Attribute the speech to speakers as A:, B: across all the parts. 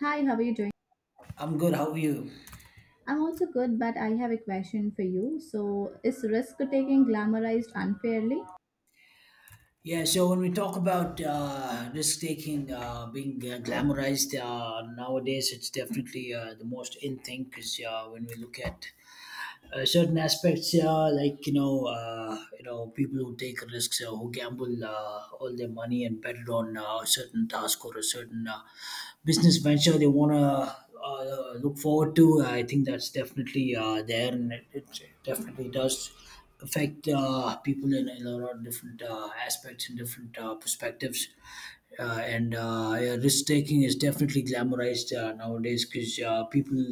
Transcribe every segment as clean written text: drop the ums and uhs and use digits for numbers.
A: Hi, how are you doing?
B: I'm good. How are you?
A: I'm also good, but I have a question for you. So, is risk taking glamorized unfairly?
B: Yeah. So when we talk about risk taking being glamorized nowadays, it's definitely the most in thing because when we look at certain aspects, yeah, like you know, people who take risks, who gamble all their money and bet it on a certain task or a certain business venture they want to look forward to. I think that's definitely there, and it definitely does affect people in a lot of different aspects and different perspectives and Yeah, risk taking is definitely glamorized nowadays because people,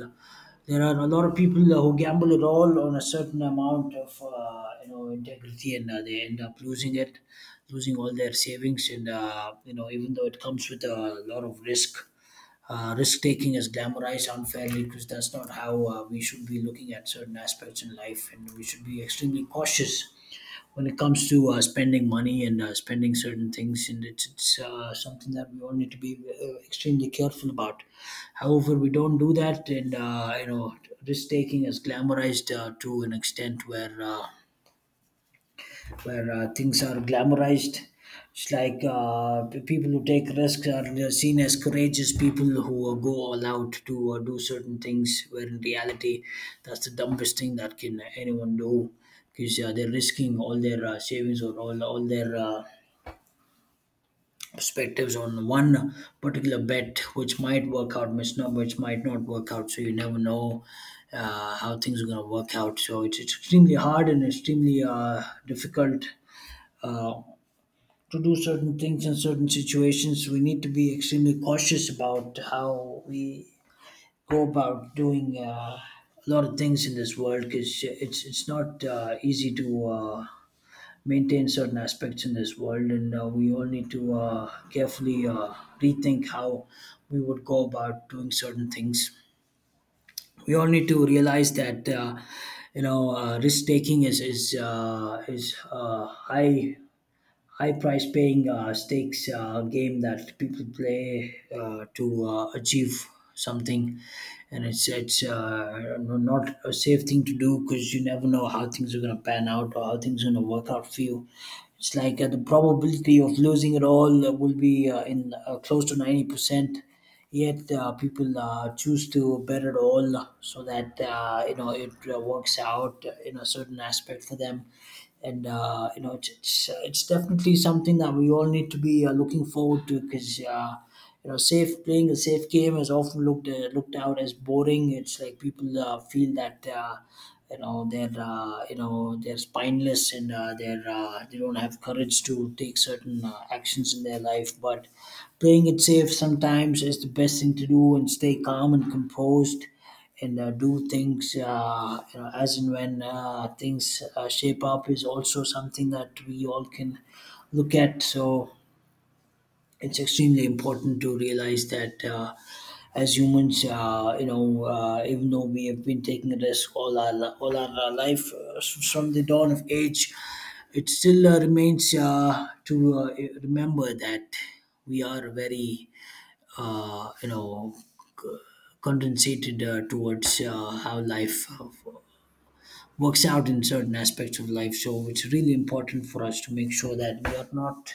B: there are a lot of people who gamble it all on a certain amount of integrity, and they end up losing it, losing all their savings, and even though it comes with a lot of risk, risk taking is glamorized unfairly because that's not how we should be looking at certain aspects in life, and we should be extremely cautious when it comes to spending money and spending certain things. And it's something that we all need to be extremely careful about. However, we don't do that, and risk taking is glamorized to an extent where things are glamorized. It's like, people who take risks are seen as courageous people who go all out to do certain things, where in reality, that's the dumbest thing that can anyone do because they're risking all their savings, or all their perspectives on one particular bet, which might work out, which might not work out. So you never know how things are going to work out. So it's extremely hard and extremely difficult. Uh, to do certain things in certain situations, we need to be extremely cautious about how we go about doing a lot of things in this world, because it's not easy to maintain certain aspects in this world, and we all need to carefully rethink how we would go about doing certain things. We all need to realize that risk taking is high, high price paying stakes game that people play to achieve something, and it's not a safe thing to do because you never know how things are going to pan out or how things are going to work out for you. It's like the probability of losing it all will be in close to 90%. Yet people choose to bet it all so that it works out in a certain aspect for them. And it's definitely something that we all need to be looking forward to, because safe playing a safe game is often looked out as boring. It's like people feel that they're they're spineless and they're they don't have courage to take certain actions in their life. But playing it safe sometimes is the best thing to do, and stay calm and composed and do things, as and when things shape up, is also something that we all can look at. So it's extremely important to realize that, as humans, even though we have been taking a risk all our life, from the dawn of age, it still remains to remember that we are very, uh, you know, condensated towards how life works out in certain aspects of life. So it's really important for us to make sure that we are not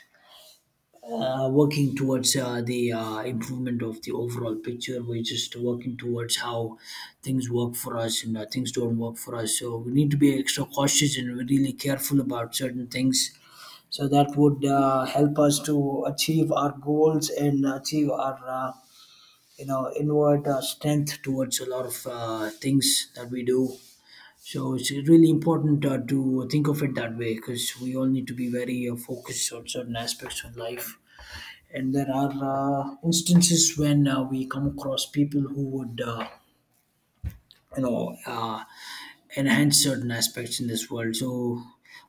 B: working towards the improvement of the overall picture. We're just working towards how things work for us and things don't work for us. So we need to be extra cautious and really careful about certain things. So that would help us to achieve our goals and achieve our inward strength towards a lot of things that we do. So it's really important to think of it that way, because we all need to be very focused on certain aspects of life. And there are instances when we come across people who would you know uh, enhance certain aspects in this world. So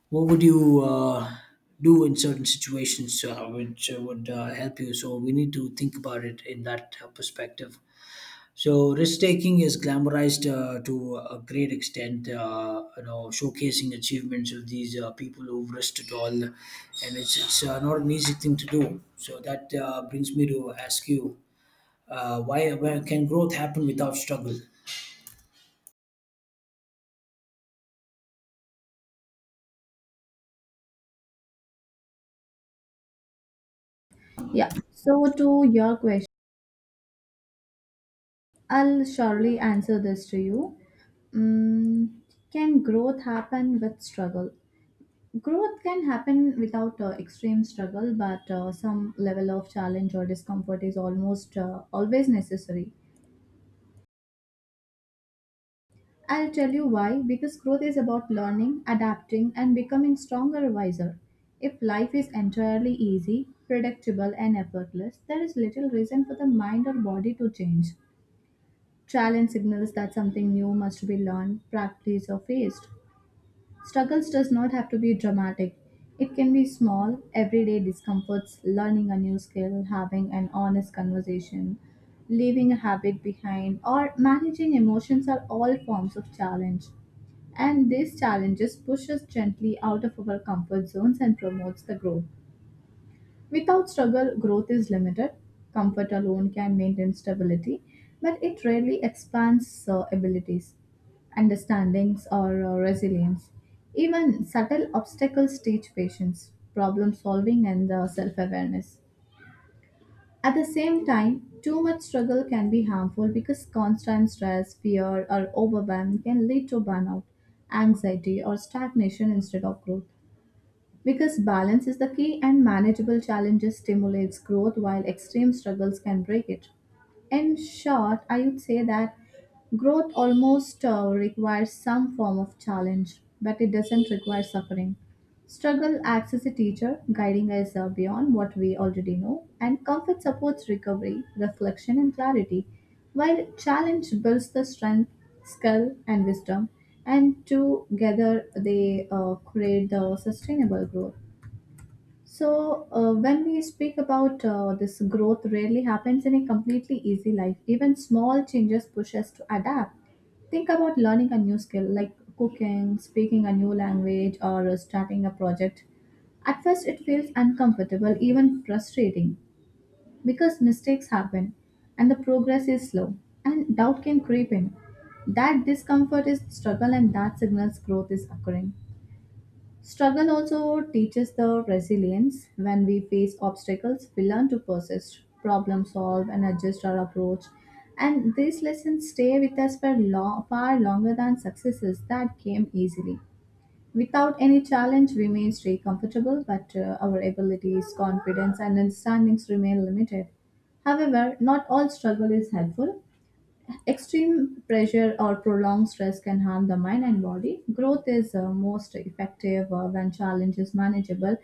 B: what would you do in certain situations which would help you? So we need to think about it in that perspective. So risk taking is glamorized to a great extent, showcasing achievements of these people who've risked it all, and it's not an easy thing to do. So that brings me to ask you, why can growth happen without struggle?
A: Yeah. So, to your question, I'll surely answer this to you. Mm, can growth happen with struggle? Growth can happen without extreme struggle, but some level of challenge or discomfort is almost always necessary. I'll tell you why because growth is about learning, adapting, and becoming stronger, wiser. If life is entirely easy, predictable, and effortless, there is little reason for the mind or body to change. Challenge signals that something new must be learned, practiced, or faced. Struggles does not have to be dramatic. It can be small, everyday discomforts, learning a new skill, having an honest conversation, leaving a habit behind, or managing emotions are all forms of challenge. And these challenges push us gently out of our comfort zones and promotes the growth. Without struggle, growth is limited. Comfort alone can maintain stability, but it rarely expands abilities, understandings, or resilience. Even subtle obstacles teach patience, problem solving, and self awareness. At the same time, too much struggle can be harmful because constant stress, fear, or overwhelm can lead to burnout, anxiety, or stagnation instead of growth. Because balance is the key and manageable challenges stimulates growth while extreme struggles can break it. In short, I would say that growth almost requires some form of challenge, but it doesn't require suffering. Struggle acts as a teacher, guiding us beyond what we already know, and comfort supports recovery, reflection, and clarity, while challenge builds the strength, skill, and wisdom, and together they create the sustainable growth. So, when we speak about this growth, rarely happens in a completely easy life. Even small changes push us to adapt. Think about learning a new skill like cooking, speaking a new language, or starting a project. At first, it feels uncomfortable, even frustrating, because mistakes happen and the progress is slow, and doubt can creep in. That discomfort is struggle, and that signals growth is occurring. Struggle also teaches the resilience. When we face obstacles, we learn to persist, problem solve, and adjust our approach. And these lessons stay with us for long, far longer than successes that came easily. Without any challenge, we may stay comfortable, but our abilities, confidence, and understandings remain limited. However, not all struggle is helpful. Extreme pressure or prolonged stress can harm the mind and body. Growth is most effective when challenge is manageable,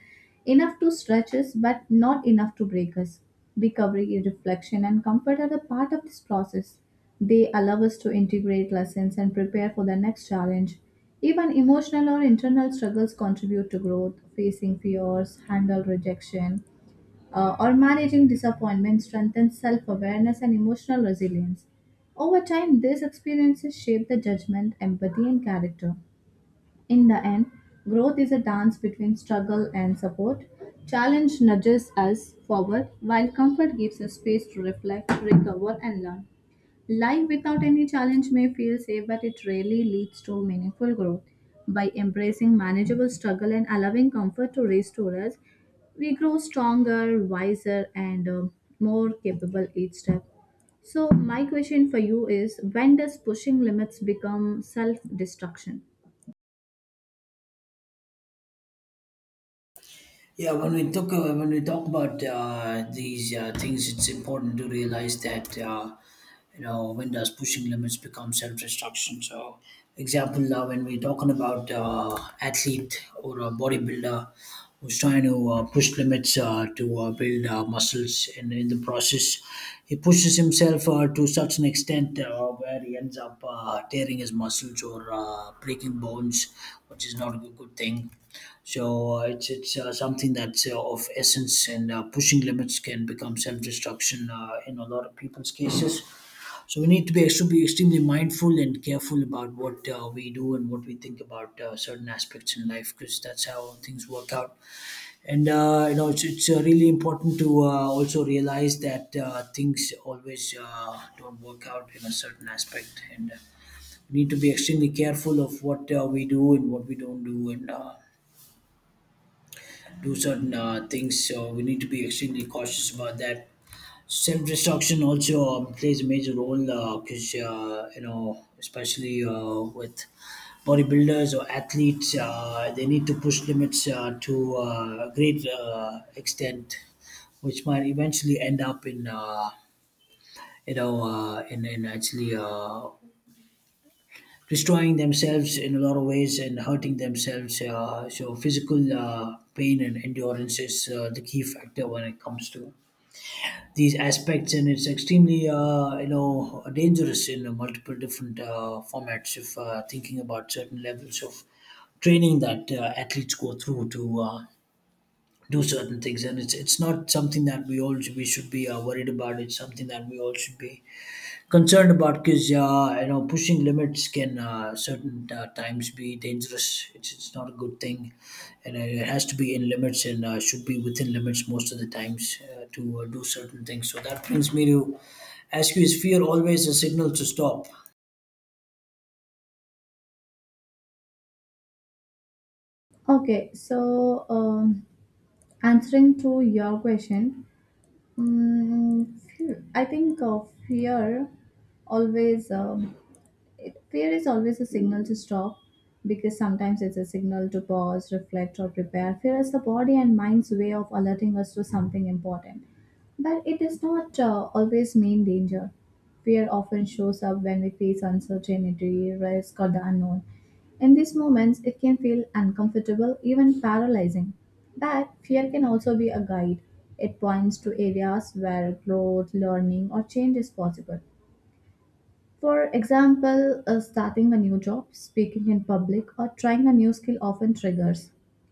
A: enough to stretch us but not enough to break us. Recovery, reflection, and comfort are the part of this process. They allow us to integrate lessons and prepare for the next challenge. Even emotional or internal struggles contribute to growth, facing fears, handle rejection, or managing disappointment strengthens self awareness and emotional resilience. Over time, these experiences shape the judgment, empathy, and character. In the end, growth is a dance between struggle and support. Challenge nudges us forward, while comfort gives us space to reflect, recover, and learn. Life without any challenge may feel safe, but it rarely leads to meaningful growth. By embracing manageable struggle and allowing comfort to restore us, we grow stronger, wiser, and more capable each step. So, my question for you is when does pushing limits become self destruction?
B: Yeah, when we talk about these things, it's important to realize that when does pushing limits become self-destruction. So, example, when we're talking about athlete or a bodybuilder who's trying to push limits to build muscles, others, and in the process, he pushes himself to such an extent where he ends up tearing his muscles or breaking bones, which is not a good thing. So it's something that's of essence, and pushing limits can become self-destruction in a lot of people's cases. So we need to be should be extremely mindful and careful about what we do and what we think about certain aspects in life, because that's how things work out. And it's really important to also realize that things always don't work out in a certain aspect. And we need to be extremely careful of what we do and what we don't do, and do certain things. So we need to be extremely cautious about that. Self destruction also plays a major role because especially with bodybuilders or athletes, they need to push limits to a great extent, which might eventually end up in in actually destroying themselves in a lot of ways and hurting themselves. So physical pain and endurance is the key factor when it comes to these aspects. And it's extremely dangerous in multiple different formats if thinking about certain levels of training that athletes go through to do certain things. And it's not something that we all we should be worried about. It's something that we all should be concerned about, because pushing limits can certain times be dangerous. It's not a good thing, and it has to be in limits, and should be within limits most of the times to do certain things. So that brings me to ask you: is fear always a signal to stop?
A: Okay, so answering to your question, Mm, fear- I think fear always it, fear is always a signal to stop because sometimes it's a signal to pause, reflect, or prepare. Fear is the body and mind's way of alerting us to something important, but it does not always mean danger. Fear often shows up when we face uncertainty, risk, or the unknown. In these moments, it can feel uncomfortable, even paralyzing. But fear can also be a guide. It points to areas where growth, learning, or change is possible. For example, starting a new job, speaking in public, or trying a new skill often triggers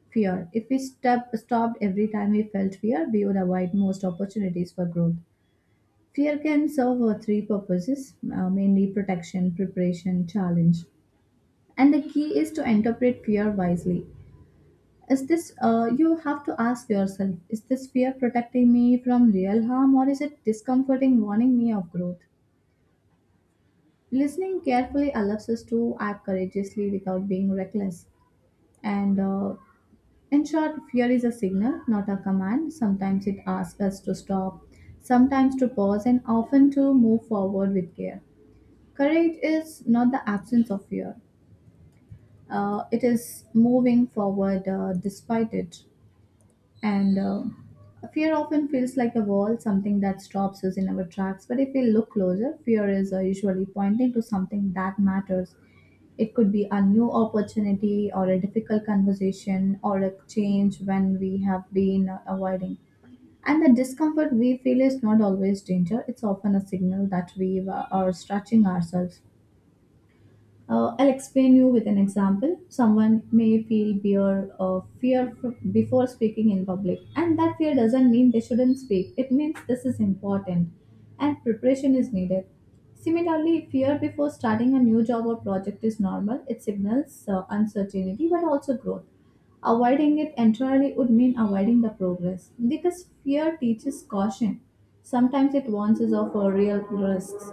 A: fear. If we step, Stopped every time we felt fear, we would avoid most opportunities for growth. Fear can serve three purposes mainly protection, preparation, challenge. And the key is to interpret fear wisely. You have to ask yourself, is this fear protecting me from real harm or is it discomforting warning me of growth? Listening carefully allows us to act courageously without being reckless. And In short, fear is a signal, not a command. Sometimes it asks us to stop, sometimes to pause, and often to move forward with care. Courage is not the absence of fear, it is moving forward despite it. And Fear often feels like a wall, something that stops us in our tracks. But if we look closer, fear is usually pointing to something that matters. It could be a new opportunity or a difficult conversation or a change when we have been avoiding. And the discomfort we feel is not always danger, it's often a signal that we are stretching ourselves. I'll explain you with an example. Someone may feel before speaking in public, and that fear doesn't mean they shouldn't speak. It means this is important, and preparation is needed. Similarly, fear before starting a new job or project is normal. It signals uncertainty but also growth. Avoiding it entirely would mean avoiding the progress because fear teaches caution. Sometimes it warns us of our real risks.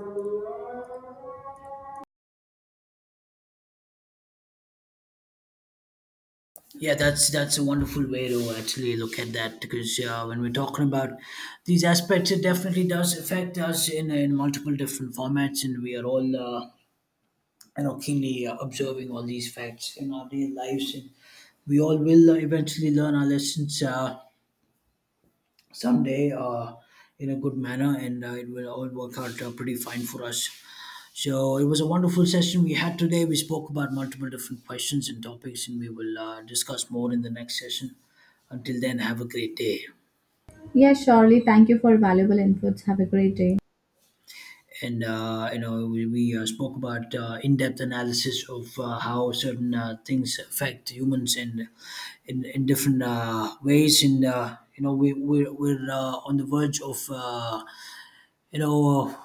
B: Yeah, that's a wonderful way to actually look at that, because when we're talking about these aspects, it definitely does affect us in multiple different formats, and we are all, keenly observing all these facts in our real lives. And we all will eventually learn our lessons someday in a good manner, and it will all work out pretty fine for us. So it was a wonderful session we had today. We spoke about multiple different questions and topics, and we will discuss more in the next session. Until then, have a great day.
A: Yes, surely. Thank you for valuable inputs. Have a great day.
B: And we spoke about in-depth analysis of how certain things affect humans in different ways. And we're on the verge of you know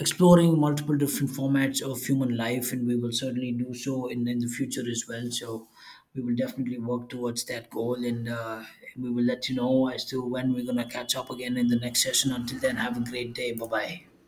B: exploring multiple different formats of human life, and we will certainly do so in the future as well. So we will definitely work towards that goal, and we will let you know as to when we're going to catch up again in the next session. Until then, have a great day. Bye bye.